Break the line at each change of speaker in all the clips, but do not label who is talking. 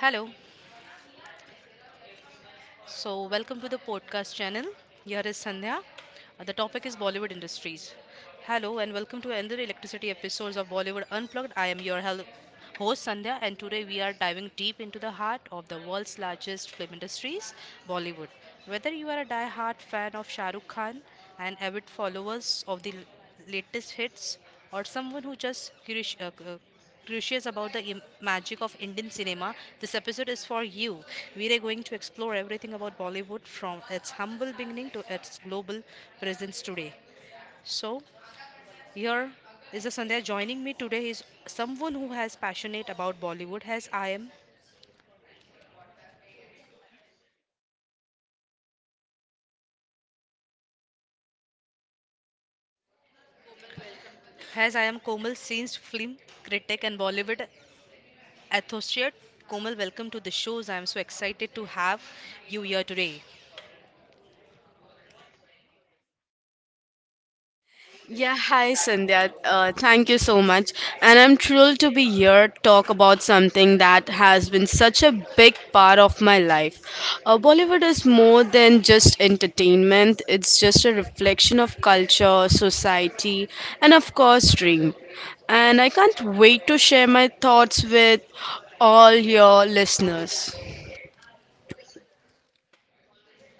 Hello. So, welcome to the podcast channel. Here is Sandhya. The topic is Bollywood industries. Hello and welcome to another electricity episodes of Bollywood Unplugged. I am your host Sandhya, and today we are diving deep into the heart of the world's largest film industries, Bollywood. Whether you are a die-hard fan of Shah Rukh Khan and avid followers of the latest hits, or someone who just curious, curious about the magic of Indian cinema, this episode is for you. We are going to explore everything about Bollywood, from its humble beginning to its global presence today. So, here is a Sandhya. Joining me today is someone who has passionate about Bollywood as I am Komal Scenes, film critic and Bollywood associate. Komal, welcome to the shows. I am so excited to have you here today.
Yeah, hi Sandhya. Thank you so much. And I'm thrilled to be here to talk about something that has been such a big part of my life. Bollywood is more than just entertainment, it's just a reflection of culture, society, and of course, dream. And I can't wait to share my thoughts with all your listeners.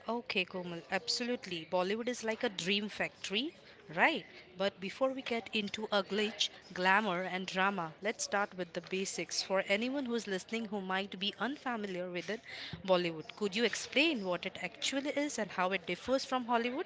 Okay, Komal, absolutely. Bollywood is like a dream factory, right? But before we get into a glitch, glamour, and drama, let's start with the basics. For anyone who's listening who might be unfamiliar with it, Bollywood, could you explain what it actually is and how it differs from Hollywood?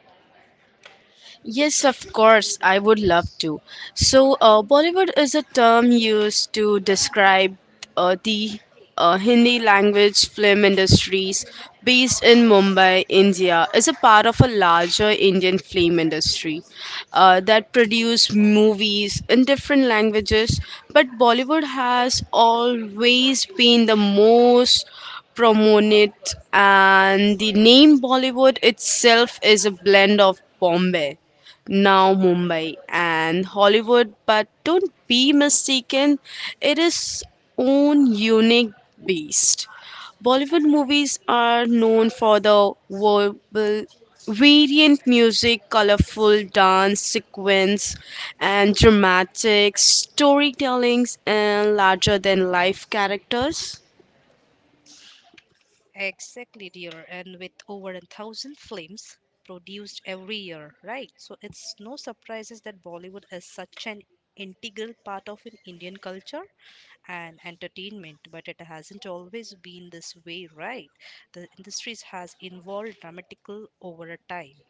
Yes, of course, I would love to. So, Bollywood is a term used to describe the Hindi language film industries based in Mumbai, India, is a part of a larger Indian film industry that produce movies in different languages. But Bollywood has always been the most promote it, and the name Bollywood itself is a blend of Bombay, now Mumbai, and Hollywood. But don't be mistaken, it is own unique beast. Bollywood movies are known for the verbal variant music, colorful dance sequence, and dramatic storytellings and larger than life characters.
Exactly, dear. And with over 1,000 films produced every year, right? So it's no surprises that Bollywood is such an integral part of an Indian culture and entertainment, but it hasn't always been this way, right? The industries has evolved dramatically over a time.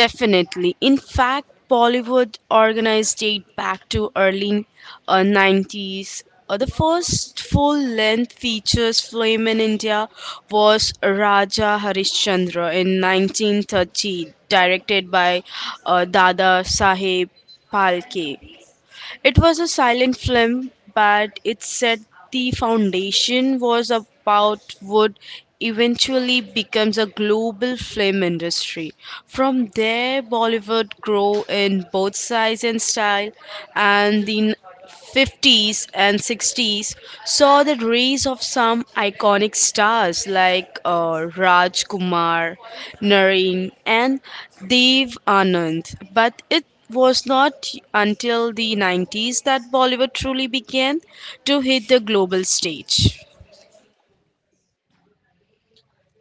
Definitely. In fact, Bollywood organized date back to early 90s. The first full-length features film in India was Raja Harishchandra in 1930, directed by Dada Saheb Phalke. It was a silent film, but it set the foundation was about what eventually becomes a global film industry. From there, Bollywood grew in both size and style, and the 50s and 60s saw the rise of some iconic stars like Raj Kumar, Naren, and Dev Anand. But it was not until the 90s that Bollywood truly began to hit the global stage.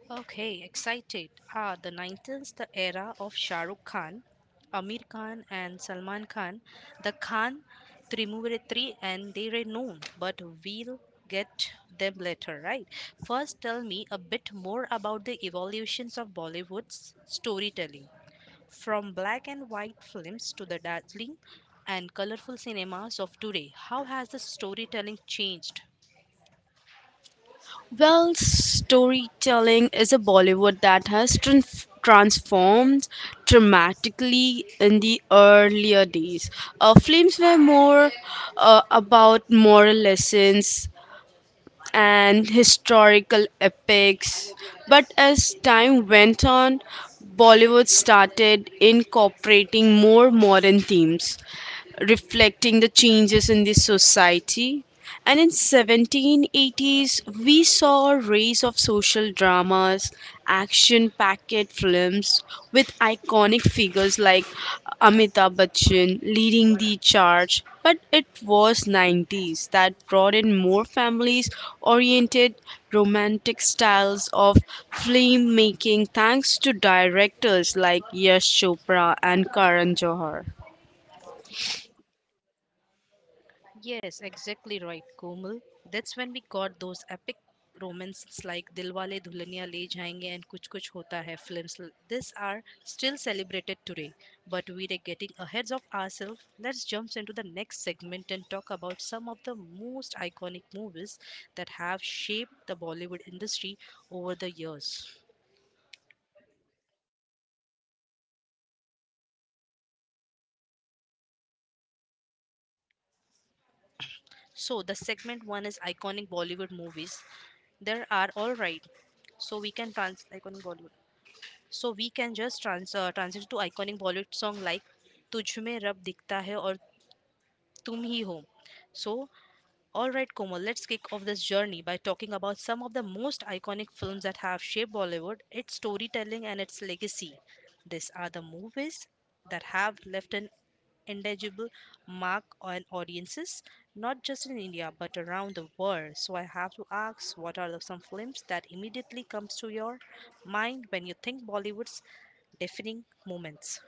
Okay, excited. Ah, the 90s, the era of Shah Rukh Khan, Amir Khan, and Salman Khan. The Khan Trimuretri, and they are known, but we'll get them later, right? First, tell me a bit more about the evolutions of Bollywood's storytelling, from black and white films to the dazzling and colorful cinemas of today. How has the storytelling changed?
Well, storytelling is a Bollywood that has transformed dramatically in the earlier days. Films were more about moral lessons and historical epics, but as time went on, Bollywood started incorporating more modern themes reflecting the changes in the society. And in 1780s, we saw a race of social dramas, action-packed films with iconic figures like Amitabh Bachchan leading the charge. But it was 90s that brought in more families-oriented romantic styles of film making, thanks to directors like Yash Chopra and Karan Johar.
Yes, exactly right, Komal. That's when we got those epic romances like Dilwale Dulhania Le Jayenge and Kuch Kuch Hota Hai films. These are still celebrated today, but we are getting ahead of ourselves. Let's jump into the next segment and talk about some of the most iconic movies that have shaped the Bollywood industry over the years. So, the segment one is iconic Bollywood movies. There are all right. So we can trans iconic Bollywood. So we can just transition to iconic Bollywood song like तुझ में रब दिखता है और तुम ही हो. So, all right, Komal, let's kick off this journey by talking about some of the most iconic films that have shaped Bollywood, its storytelling, and its legacy. These are the movies that have left an indelible mark on audiences, not just in India but around the world. So I have to ask, what are the some films that immediately comes to your mind when you think Bollywood's defining moments?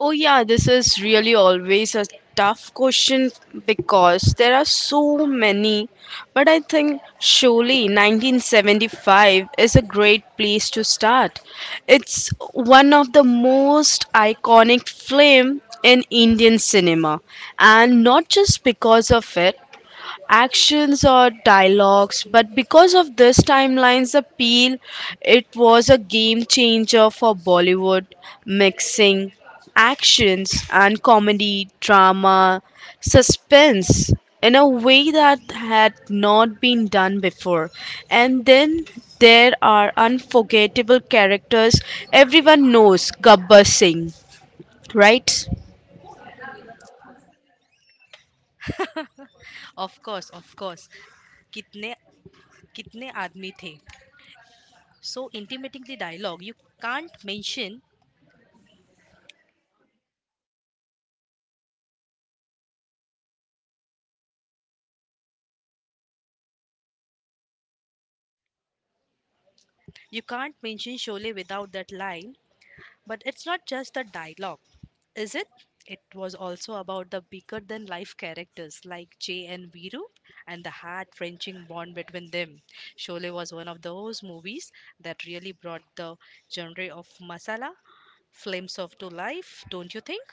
Oh, yeah, this is really always a tough question because there are so many. But I think surely 1975 is a great place to start. It's one of the most iconic film in Indian cinema, and not just because of it actions or dialogues, but because of this timeline's appeal. It was a game changer for Bollywood, mixing actions and comedy, drama, suspense in a way that had not been done before. And then there are unforgettable characters. Everyone knows Gabbar Singh, right?
Of course, of course. कितने कितने आदमी थे, so intimating the dialogue. Can't mention you can't mention Sholay without that line. But it's not just the dialogue, is it? It was also about the bigger than life characters like Jay and Viru, and the heart wrenching bond between them. Sholay was one of those movies that really brought the genre of masala flames of to life, don't you think?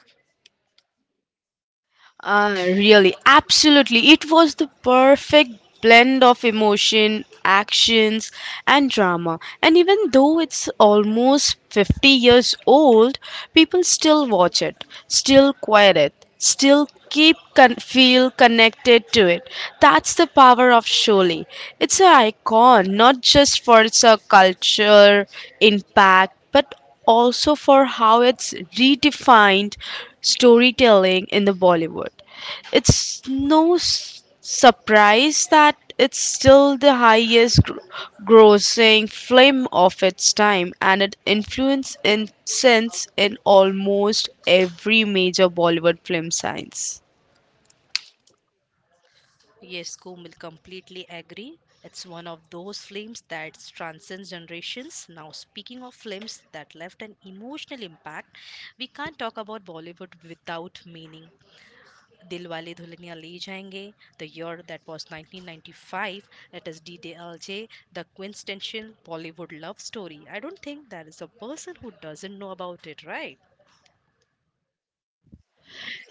Really, absolutely. It was the perfect blend of emotion, actions, and drama. And even though it's almost 50 years old, people still watch it, still quiet it, still feel connected to it. That's the power of Sholi. It's an icon, not just for its culture impact, but also for how it's redefined storytelling in the Bollywood. It's no s- surprise that it's still the grossing film of its time, and it influenced in sense in almost every major Bollywood film science.
Yes, Kumil, completely agree. It's one of those films that transcends generations. Now, speaking of films that left an emotional impact, we can't talk about Bollywood without meaning Dilwale Dulhania Le Jayenge, the year that was 1995, it is DDLJ, the quintessential Bollywood love story. I don't think there is a person who doesn't know about it, right?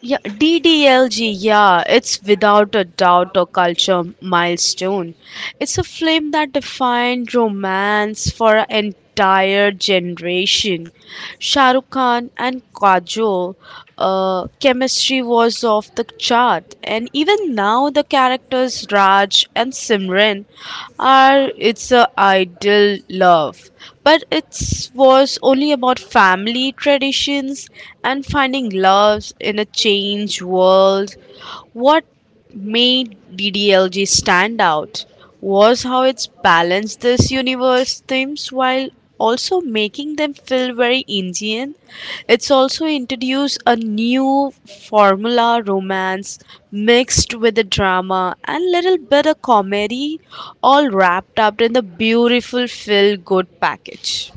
Yeah, DDLG, yeah, it's without a doubt a culture milestone. It's a film that defined romance for an entire generation. Shah Rukh Khan and Kajol, chemistry was off the chart, and even now the characters Raj and Simran are it's a ideal love, but it was only about family tradition, patience, and finding love in a changed world. What made DDLG stand out was how it's balanced this universe themes while also making them feel very Indian. It's also introduced a new formula romance mixed with the drama and little bit of comedy, all wrapped up in the beautiful feel good package.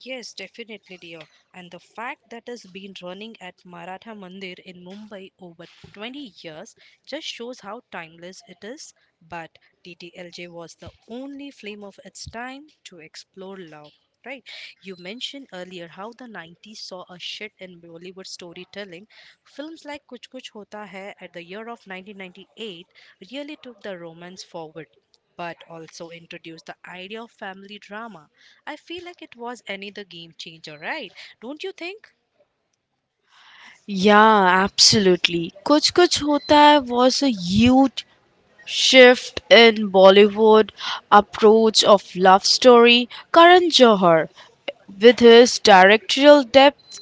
Yes, definitely, dear. And the fact that it's been running at Maratha Mandir in Mumbai over 20 years just shows how timeless it is. But TTLJ was the only flame of its time to explore love. Right. You mentioned earlier how the 90s saw a shift in Bollywood storytelling. Films like Kuch Kuch Hota Hai at the year of 1998 really took the romance forward, but also introduced the idea of family drama. I feel like it was another game changer, right? Don't you think?
Yeah, absolutely. Kuch Kuch Hota Hai was a huge shift in Bollywood approach of love story. Karan Johar, with his directorial depth,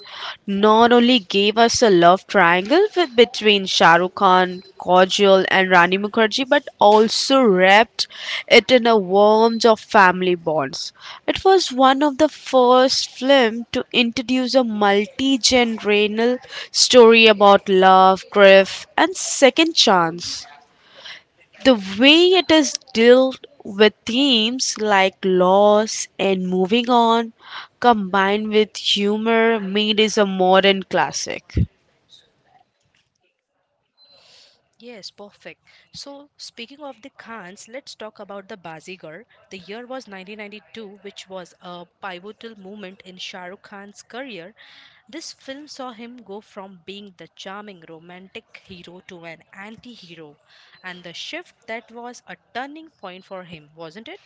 not only gave us a love triangle with, between Shah Rukh Khan, Kajol, and Rani Mukherjee, but also wrapped it in a warmth of family bonds. It was one of the first films to introduce a multi-generational story about love, grief, and second chance. The way it is dealt with themes like loss and moving on, combined with humor, made is a modern classic.
Yes, perfect. So, speaking of the Khans, let's talk about the Bazigar. The year was 1992, which was a pivotal moment in Shah Rukh Khan's career. This film saw him go from being the charming romantic hero to an anti hero, and the shift that was a turning point for him, wasn't it?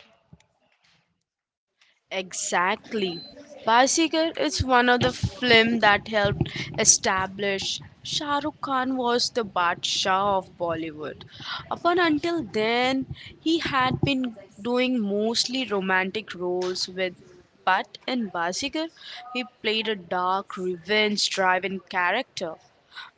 Exactly. Basigar is one of the film that helped establish Shah Rukh Khan was the Badshah of Bollywood. Up and until then, he had been doing mostly romantic roles with, but in Basigar, he played a dark, revenge-driven character,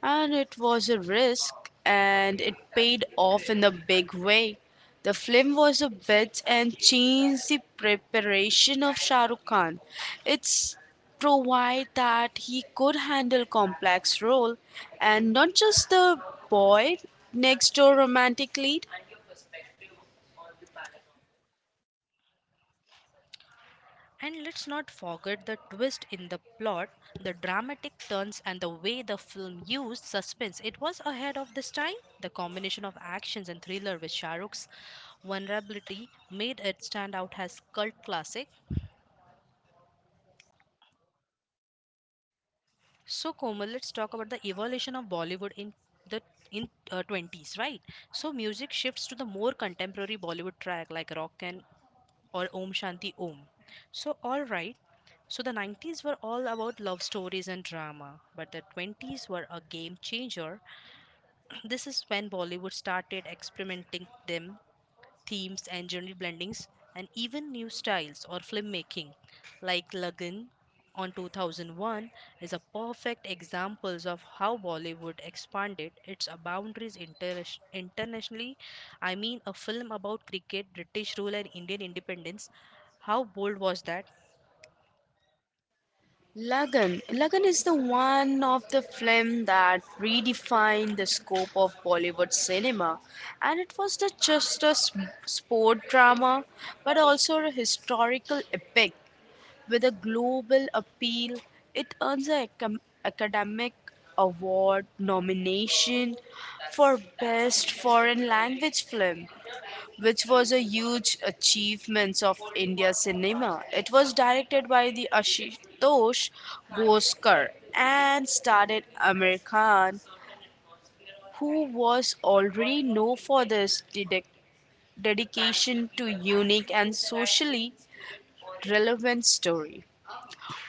and it was a risk, and it paid off in a big way. The film was a bit and changed the preparation of Shah Rukh Khan. It's provide that he could handle complex role and not just the boy next door romantic lead.
And let's not forget the twist in the plot, the dramatic turns, and the way the film used suspense. It was ahead of this time. The combination of actions and thriller with Shahrukh's vulnerability made it stand out as cult classic. So, Komal, let's talk about the evolution of Bollywood in the in 20s, right? So, music shifts to the more contemporary Bollywood track like rock and or Om Shanti Om. So, all right. So, the 90s were all about love stories and drama, but the 20s were a game changer. This is when Bollywood started experimenting themes and genre blendings and even new styles or filmmaking like Lagan on 2001 is a perfect examples of how Bollywood expanded its boundaries internationally. I mean, a film about cricket, british rule, and indian independence, how bold was that?
Lagan. Lagan is the one of the film that redefined the scope of Bollywood cinema, and it was not just a sport drama, but also a historical epic with a global appeal. It earns an academic award nomination for Best Foreign Language Film, which was a huge achievement of India cinema. It was directed by the Ashutosh Goskar and starred Amir Khan, who was already known for his dedication to unique and socially relevant story.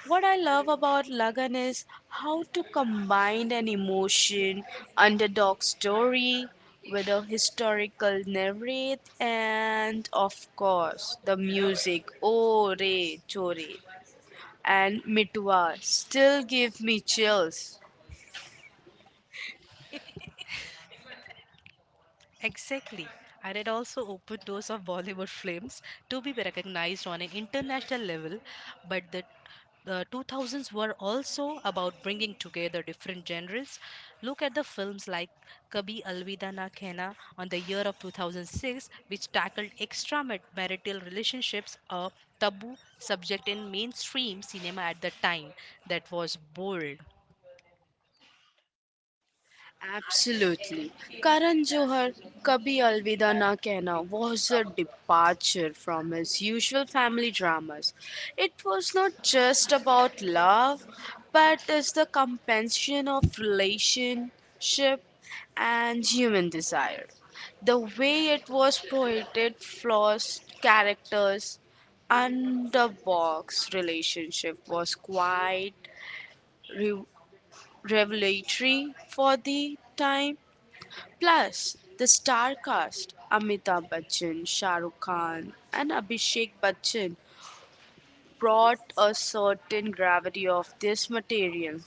What I love about Lagan is how to combine an emotion, underdog story with a historical narrative, and of course, the music, Ore Chore and Mitwa, still give me chills.
Exactly. And it also opened doors of Bollywood films to be recognized on an international level. But the 2000s were also about bringing together different genres. Look at the films like Kabhi Alvida Na Kehna on the year of 2006, which tackled extramarital relationships, a taboo subject in mainstream cinema at the time. That was bold.
Absolutely. Karan Johar, Kabhi Alvida Na Kehna was a departure from his usual family dramas. It was not just about love, but is the compensation of relationship and human desire. The way it was poeted flaws, characters, and the box relationship was quite re- revelatory for the time. Plus, the star cast Amitabh Bachchan, Shah Rukh Khan, and Abhishek Bachchan brought a certain gravity of this material.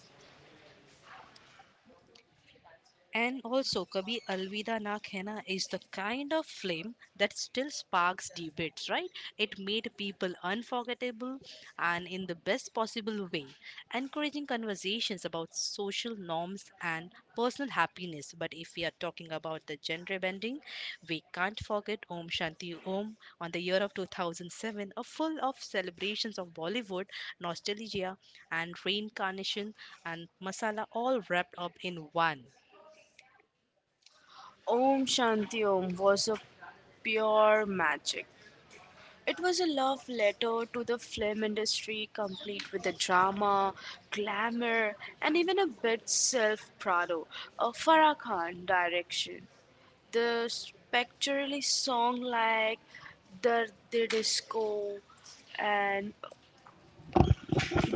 And also, Kabhi Alvida Na Kehna is the kind of film that still sparks debates, right? It made people unforgettable, and in the best possible way, encouraging conversations about social norms and personal happiness. But if we are talking about the gender bending, we can't forget Om Shanti Om on the year of 2007, a full of celebrations of Bollywood, nostalgia, and reincarnation and masala all wrapped up in one.
Om Shanti Om was a pure magic. It was a love letter to the film industry, complete with the drama, glamour, and even a bit self-prado, a Farah Khan direction. The spectrally song like the disco and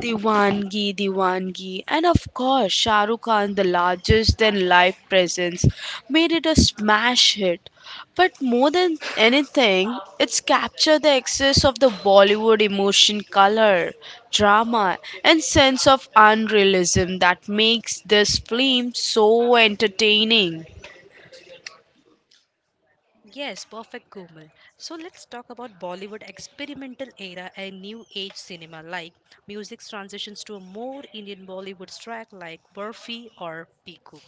Diwangi Diwangi, and of course Shah Rukh Khan the largest than life presence made it a smash hit. But more than anything, it's captured the excess of the Bollywood emotion, color, drama, and sense of unrealism that makes this film so entertaining.
Yes, perfect, Komal. So let's talk about Bollywood experimental era and new age cinema, like music's transitions to a more Indian Bollywood track like Burfi or Piku.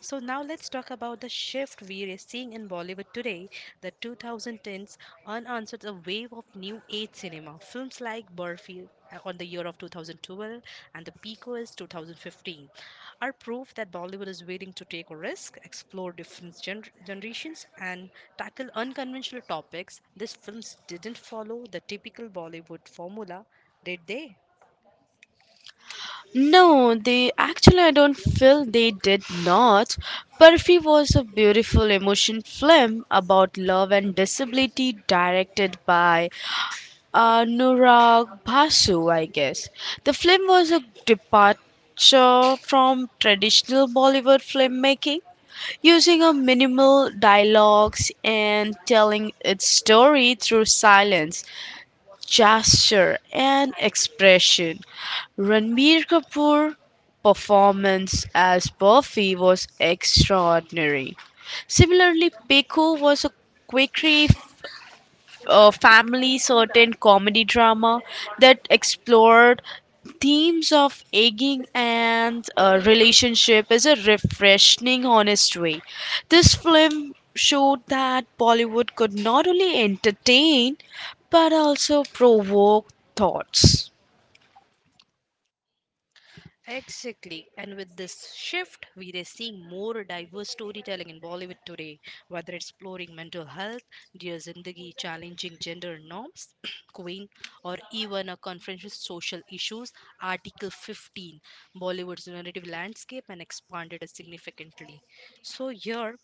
So now let's talk about the shift we are seeing in Bollywood today. The 2010s unanswered a wave of new age cinema. Films like Burfi, on the year of 2012, and the peak was 2015, are proof that Bollywood is willing to take a risk, explore different generations, and tackle unconventional topics. These films didn't follow the typical Bollywood formula, did they?
No, they actually, I don't feel they did not. Perfi was a beautiful emotion film about love and disability directed by Nurag Basu, I guess. The film was a departure from traditional Bollywood filmmaking, using a minimal dialogues and telling its story through silence, gesture, and expression. Ranbir Kapoor's performance as Buffy was extraordinary. Similarly, Peku was a quirky family certain comedy drama that explored themes of aging and relationship is a refreshing honest way. This film showed that Bollywood could not only entertain but also provoke thoughts.
Exactly. And with this shift, we are seeing more diverse storytelling in Bollywood today, whether exploring mental health, Dear Zindagi, challenging gender norms, Queen, or even a confronting social issues, Article 15, Bollywood's narrative landscape and expanded significantly. So here,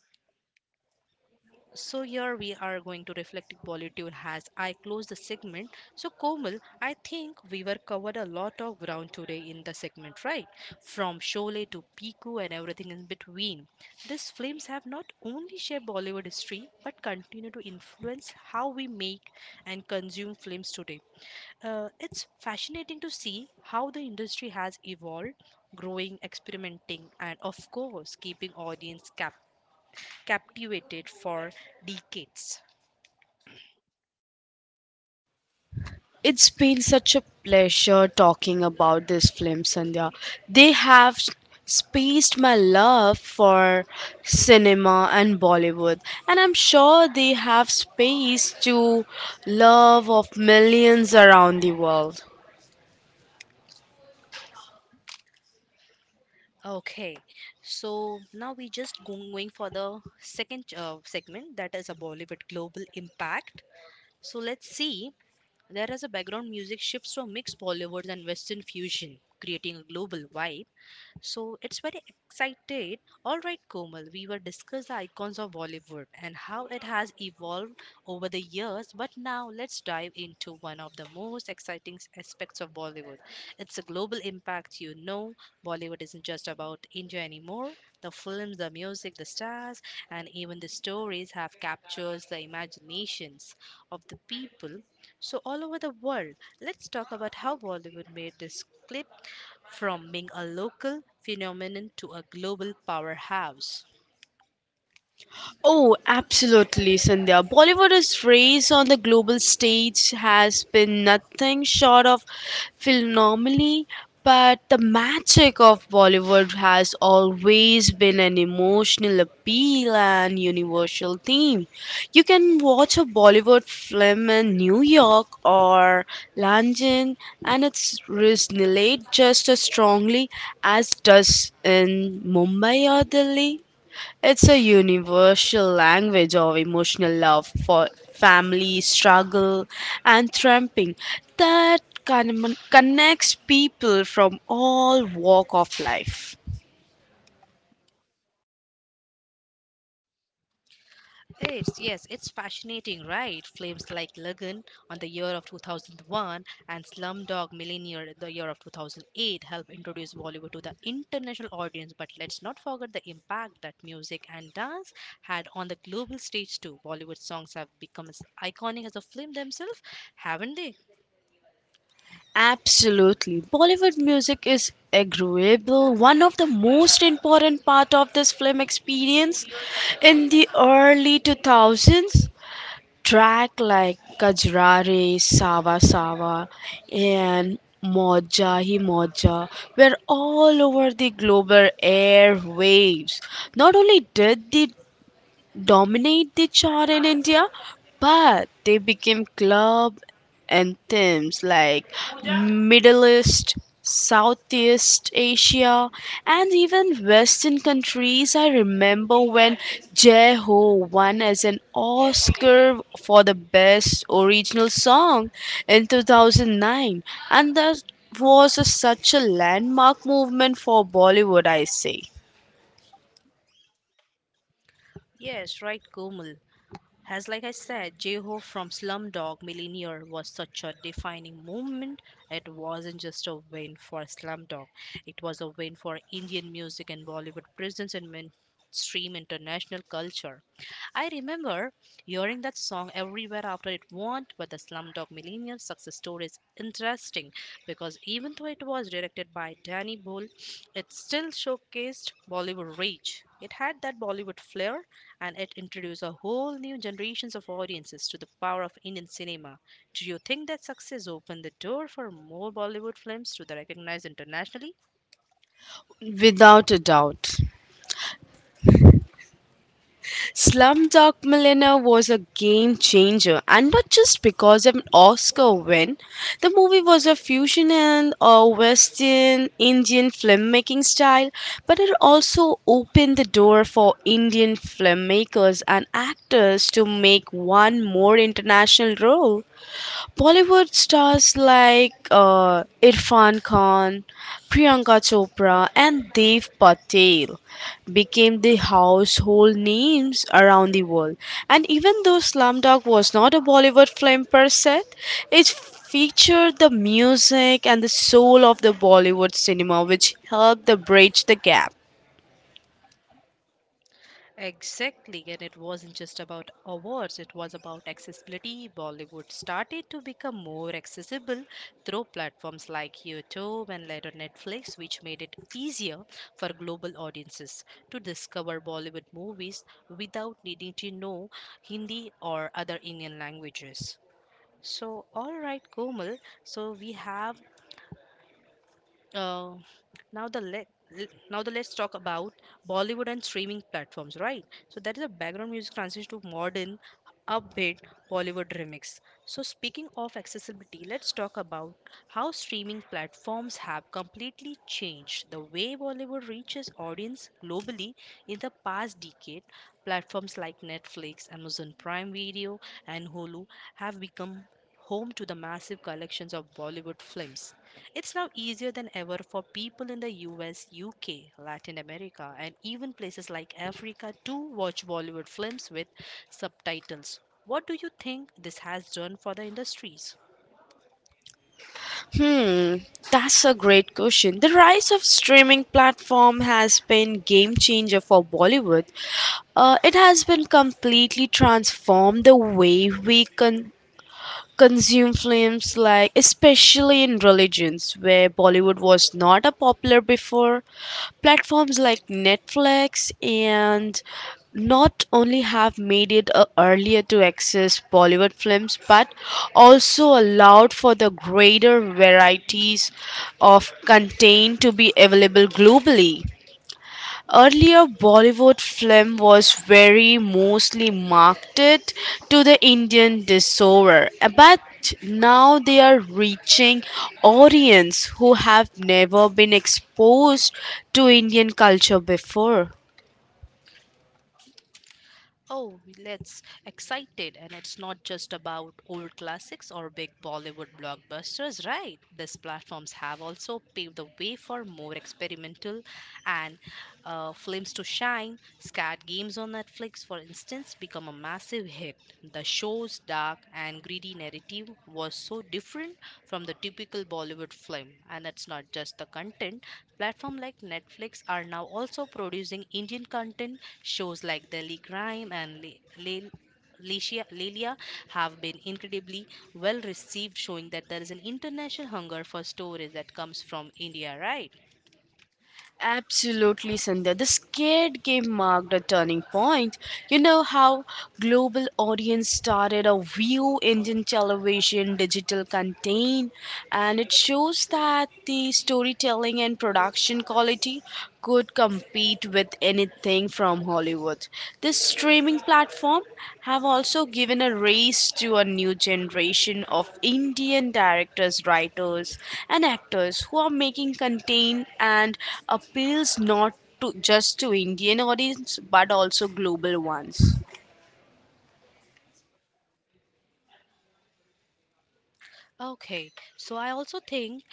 so here we are going to reflect Bollywood as I close the segment. So Komal, I think we were covered a lot of ground today in the segment, right? From Sholay to Piku and everything in between. These films have not only shaped Bollywood history but continue to influence how we make and consume films today. It's fascinating to see how the industry has evolved, growing, experimenting, and of course, keeping audience captive captivated for decades.
It's been such a pleasure talking about this film, Sandhya. They have spaced my love for cinema and Bollywood, and I'm sure they have space to love of millions around the world.
Okay, so now we just going for the second segment, that is a Bollywood global impact. So let's see. There is a background music shifts from mixed Bollywood and Western fusion, creating a global vibe. So it's very excited. All right, Komal, we will discuss the icons of Bollywood and how it has evolved over the years. But now let's dive into one of the most exciting aspects of Bollywood. It's a global impact. You know, Bollywood isn't just about India anymore. The films, the music, the stars, and even the stories have captured the imaginations of the people so all over the world. Let's talk about how Bollywood made this clip from being a local phenomenon to a global powerhouse.
Oh, absolutely, Sandhya. Bollywood's race on the global stage has been nothing short of phenomenal, but the magic of Bollywood has always been an emotional appeal and universal theme. You can watch a Bollywood film in New York or London, and it's resonate just as strongly as does in Mumbai or Delhi. It's a universal language of emotional love for family, struggle, and tramping that connects people from all walk of life.
It's, yes, it's fascinating, right? Films like Lagan on the year of 2001 and Slumdog Millionaire the year of 2008 helped introduce Bollywood to the international audience, but let's not forget the impact that music and dance had on the global stage too. Bollywood songs have become as iconic as the film themselves, haven't they?
Absolutely. Bollywood music is agreeable, one of the most important part of this film experience in the early 2000s. Track like Kajrari, Sawa Sawa, and Moja Hi Moja were all over the global airwaves. Not only did the dominate the chart in India, but they became club anthems like Middle East, Southeast Asia, and even Western countries. I remember when Jai Ho won as an Oscar for the best original song in 2009, and that was such a landmark movement for Bollywood, I say,
Yes, right, Komal. As like I said, Jeho from Slumdog Millionaire was such a defining moment. It wasn't just a win for Slumdog; it was a win for Indian music and Bollywood presence in mainstream international culture. I remember hearing that song everywhere after it won, but the Slumdog Millionaire success story is interesting because even though it was directed by Danny Boyle, it still showcased Bollywood reach. It had that Bollywood flair, and it introduced a whole new generations of audiences to the power of Indian cinema. Do you think that success opened the door for more Bollywood films to be recognized internationally?
without a doubt. Slumdog Millionaire was a game changer, and not just because of an Oscar win. The movie was a fusion and a Western Indian filmmaking style, but it also opened the door for Indian filmmakers and actors to make one more international role. Bollywood stars like Irfan Khan, Priyanka Chopra, and Dev Patel became the household names around the world. And even though Slumdog was not a Bollywood film per se, it featured the music and the soul of the Bollywood cinema, which helped to bridge the gap.
Exactly, and it wasn't just about awards, it was about accessibility. Bollywood started to become more accessible through platforms like YouTube and later Netflix, which made it easier for global audiences to discover Bollywood movies without needing to know Hindi or other Indian languages. So, all right, Komal. So, we have uh, now the let now the let's talk about Bollywood and streaming platforms, right? So that is a background music transition to modern upbeat Bollywood remix. So speaking of accessibility, let's talk about how streaming platforms have completely changed the way Bollywood reaches audience globally in the past decade. Platforms like Netflix, Amazon Prime Video, and Hulu have become home to the massive collections of Bollywood films. It's now easier than ever for people in the US, UK, Latin America, and even places like Africa to watch Bollywood films with subtitles. What do you think this has done for the industries?
Hmm, that's a great question. The rise of streaming platform has been game changer for Bollywood. It has been completely transformed the way we consume films like, especially in religions where Bollywood was not a popular before. Platforms like Netflix and not only have made it earlier to access Bollywood films, but also allowed for the greater varieties of content to be available globally. Earlier, Bollywood film was very mostly marketed to the Indian disorder, but now they are reaching audience who have never been exposed to Indian culture before.
Oh, let's excited, and it's not just about old classics or big Bollywood blockbusters, right? These platforms have also paved the way for more experimental and films to shine. Scat Games on Netflix, for instance, become a massive hit. The show's dark and greedy narrative was so different from the typical Bollywood film. And it's not just the content. Platforms like Netflix are now also producing Indian content. Shows like Delhi Crime and Lelia have been incredibly well received, showing that there is an international hunger for stories that comes from India, right?
Absolutely, Sandhya. The Scared Game marked a turning point. You know how global audience started a view Indian television digital content, and it shows that the storytelling and production quality could compete with anything from Hollywood. This streaming platform have also given a raise to a new generation of Indian directors, writers and actors who are making content and appeals not to just to Indian audience but also global ones.
Okay, so I also think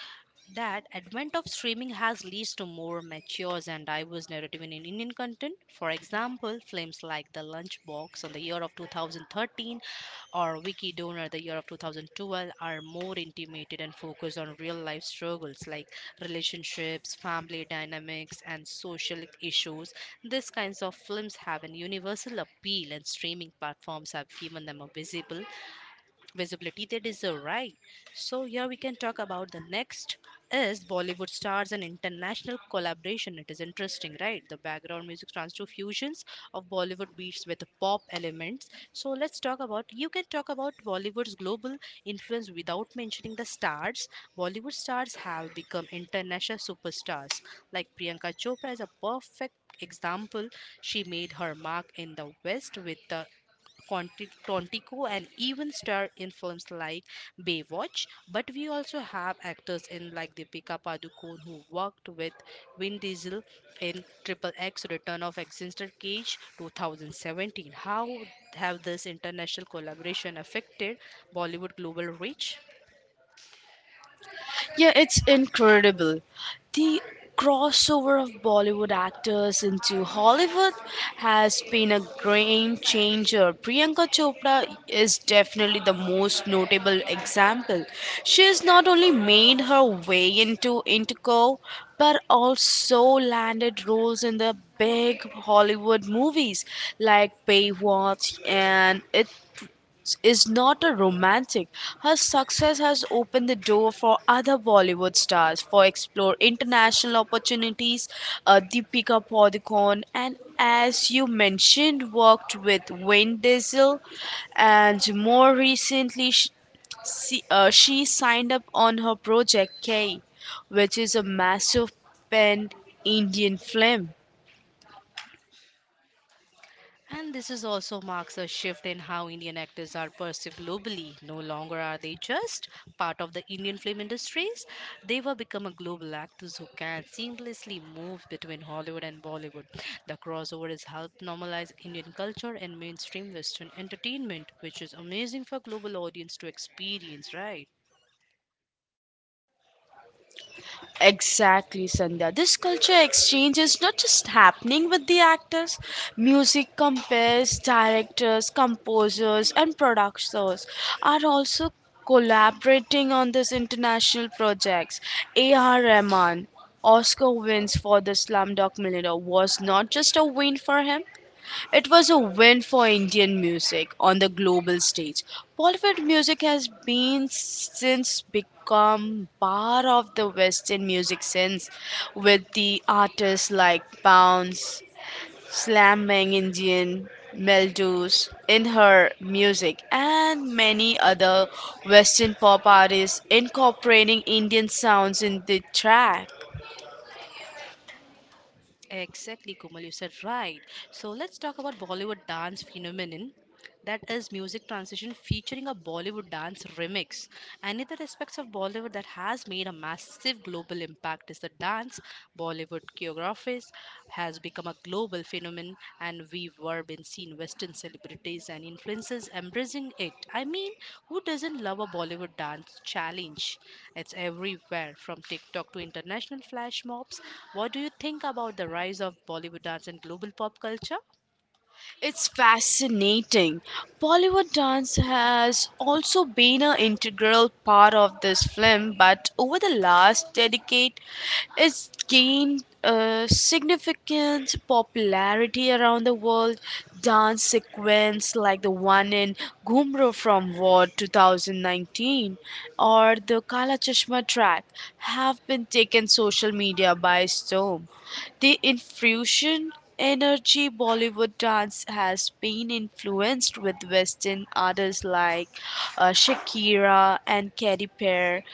that advent of streaming has leads to more mature and diverse narrative in Indian content. For example, films like The Lunchbox on the year of 2013 or Wiki Donor the year of 2012 are more intimated and focused on real life struggles like relationships, family dynamics, and social issues. These kinds of films have an universal appeal, and streaming platforms have given them a visible visibility they deserve, right? So here we can talk about the next is Bollywood stars and international collaboration. It is interesting, right? The background music turns to fusions of Bollywood beats with pop elements. So let's talk about you can talk about Bollywood's global influence without mentioning the stars. Bollywood stars have become international superstars. Like Priyanka Chopra is a perfect example. She made her mark in the West with the Tontico and even star in films like Baywatch. But we also have actors in like Deepika Padukone who worked with Vin Diesel in Triple X Return of Exeter Cage 2017. How have this international collaboration affected Bollywood global reach?
Yeah, it's incredible. The crossover of Bollywood actors into Hollywood has been a game changer. Priyanka Chopra is definitely the most notable example. She has not only made her way into Interco but also landed roles in the big Hollywood movies like Baywatch and It is not a romantic. Her success has opened the door for other Bollywood stars for explore international opportunities. Deepika Padukone, and as you mentioned, worked with Vin Diesel, and more recently, she signed up on her project K, which is a massive pen Indian film.
And this is also marks a shift in how Indian actors are perceived globally. No longer are they just part of the Indian film industries, they have become a global actors who can seamlessly move between Hollywood and Bollywood. The crossover has helped normalize Indian culture and mainstream Western entertainment, which is amazing for global audience to experience, right?
Exactly, Sandhya. This culture exchange is not just happening with the actors, music companies, directors, composers, and producers are also collaborating on these international projects. A.R. Rahman, Oscar wins for the Slumdog Millionaire was not just a win for him; it was a win for Indian music on the global stage. Bollywood music has been since become part of the Western music sense, with the artists like Bounce, Slamming Indian, melodies in her music, and many other Western pop artists incorporating Indian sounds in the track.
Exactly, Kumal, you said right. So let's talk about Bollywood dance phenomenon. That is music transition featuring a Bollywood dance remix. Another aspects of Bollywood that has made a massive global impact is the dance. Bollywood choreographies has become a global phenomenon, and we've been seen Western celebrities and influencers embracing it. I mean, who doesn't love a Bollywood dance challenge? It's everywhere, from TikTok to international flash mobs. What do you think about the rise of Bollywood dance in global pop culture?
It's fascinating. Bollywood dance has also been an integral part of this film, but over the last decade, it's gained significant popularity around the world. Dance sequence like the one in Gumro from War 2019 or the Kala Chashma track have been taken social media by storm. The infusion energy Bollywood dance has been influenced with Western artists like Shakira and Katy Perry,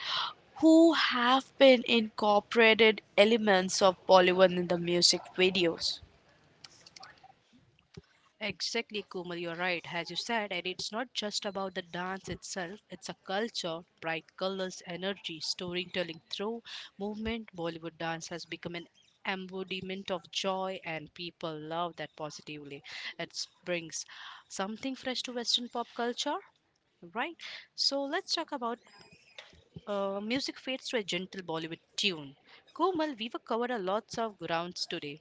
who have been incorporated elements of Bollywood in the music videos.
Exactly, Kumal, you're right, as you said, and it's not just about the dance itself, it's a culture, bright colors, energy, storytelling through movement. Bollywood dance has become an embodiment of joy, and people love that positively. It brings something fresh to Western pop culture, right? So, let's talk about music fades to a gentle Bollywood tune. Kumal, we've covered a lots of grounds today.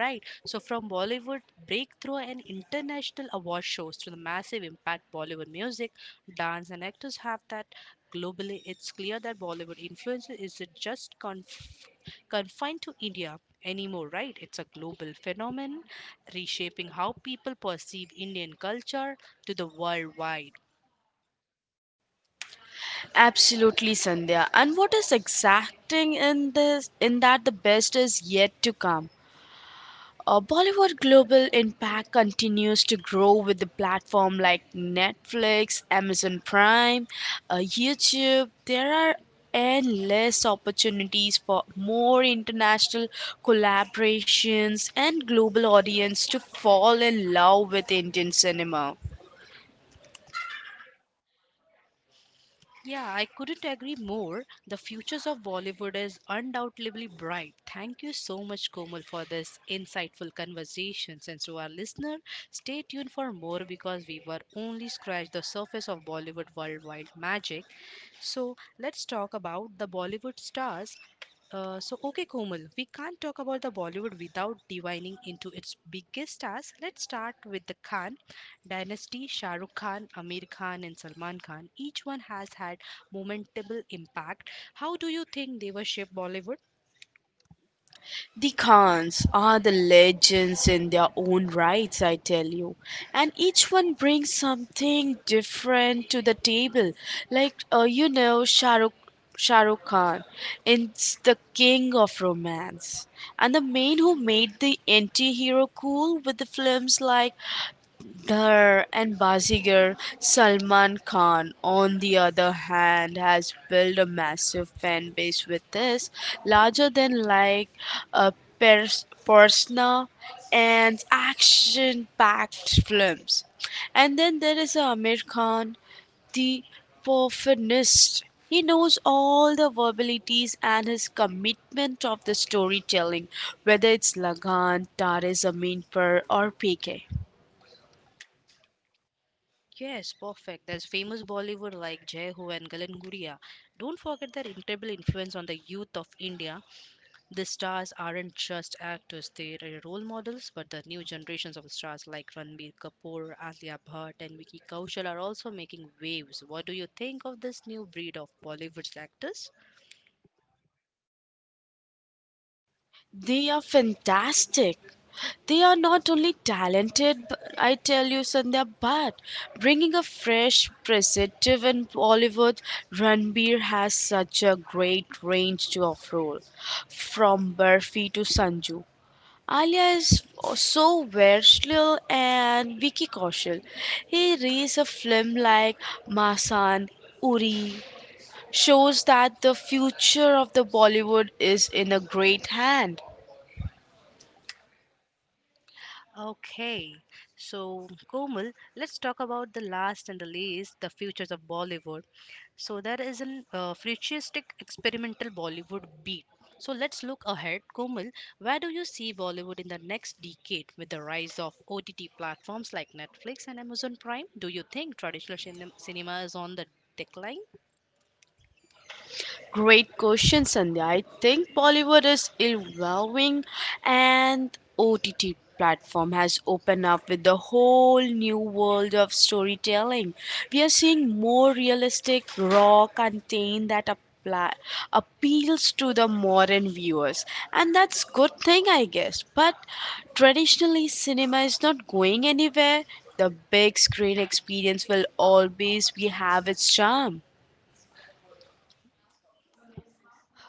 Right. So from Bollywood breakthrough and international award shows to the massive impact Bollywood music, dance and actors have that globally, it's clear that Bollywood influence isn't just confined to India anymore, right? It's a global phenomenon reshaping how people perceive Indian culture to the worldwide.
Absolutely, Sandhya. And what is exacting in this in that the best is yet to come. Bollywood global impact continues to grow with the platform like Netflix, Amazon Prime, YouTube. There are endless opportunities for more international collaborations and global audience to fall in love with Indian cinema.
Yeah, I couldn't agree more. The futures of Bollywood is undoubtedly bright. Thank you so much, Komal, for this insightful conversation. And to our listener, stay tuned for more because we were only scratched the surface of Bollywood worldwide magic. So let's talk about the Bollywood stars. Okay, Komal, we can't talk about the Bollywood without divining into its biggest stars. Let's start with the Khan Dynasty, Shah Rukh Khan, Amir Khan, and Salman Khan, each one has had momentable impact. How do you think they were shaped Bollywood?
The Khans are the legends in their own rights, I tell you. And each one brings something different to the table. Like, Shah Rukh Khan is the king of romance. And the man who made the anti hero cool with the films like Dhar and Bazigar, Salman Khan, on the other hand, has built a massive fan base with this, larger than like persona and action-packed films. And then there is a Amir Khan, the perfectionist. He knows all the verbalities and his commitment of the storytelling, whether it's Lagan, Taris Zameen Par, or PK.
Yes, perfect. There's famous Bollywood like Jai Ho and Galan Guria. Don't forget their incredible influence on the youth of India. The stars aren't just actors, they are role models, but the new generations of stars like Ranbir Kapoor, Alia Bhatt, and Vicky Kaushal are also making waves. What do you think of this new breed of Bollywood actors?
They are fantastic. They are not only talented, but I tell you, Sandhya, but bringing a fresh perspective in Bollywood, Ranbir has such a great range to of role, from Barfi to Sanju. Alia is so versatile and Vicky Kaushal. He reads a film like Masan, Uri, shows that the future of the Bollywood is in a great hand.
Okay, so Komal, let's talk about the last and the least, the futures of Bollywood. So there is an futuristic experimental Bollywood beat. So let's look ahead, Komal. Where do you see Bollywood in the next decade with the rise of OTT platforms like Netflix and Amazon Prime? Do you think traditional cinema is on the decline?
Great question, Sandhya. I think Bollywood is evolving and OTT platform has opened up with the whole new world of storytelling. We are seeing more realistic, raw content that apply, appeals to the modern viewers and that's good thing I guess but traditionally cinema is not going anywhere. The big screen experience will always be have its charm.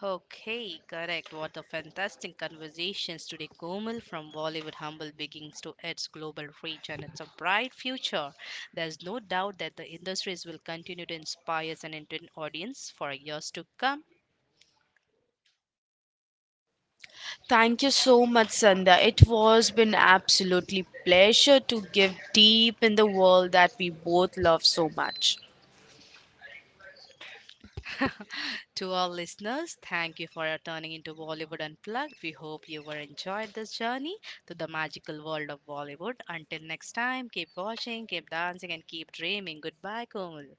Okay, correct. What a fantastic conversations today, Komal, from Bollywood humble beginnings to its global reach, and it's a bright future. There's no doubt that the industries will continue to inspire an Indian audience for years to come.
Thank you so much, Sandha. It was been absolutely pleasure to give deep in the world that we both love so much.
To our listeners, thank you for turning into Bollywood Unplugged. We hope you were enjoyed this journey to the magical world of Bollywood. Until next time, keep watching, keep dancing, and keep dreaming. Goodbye, Komal.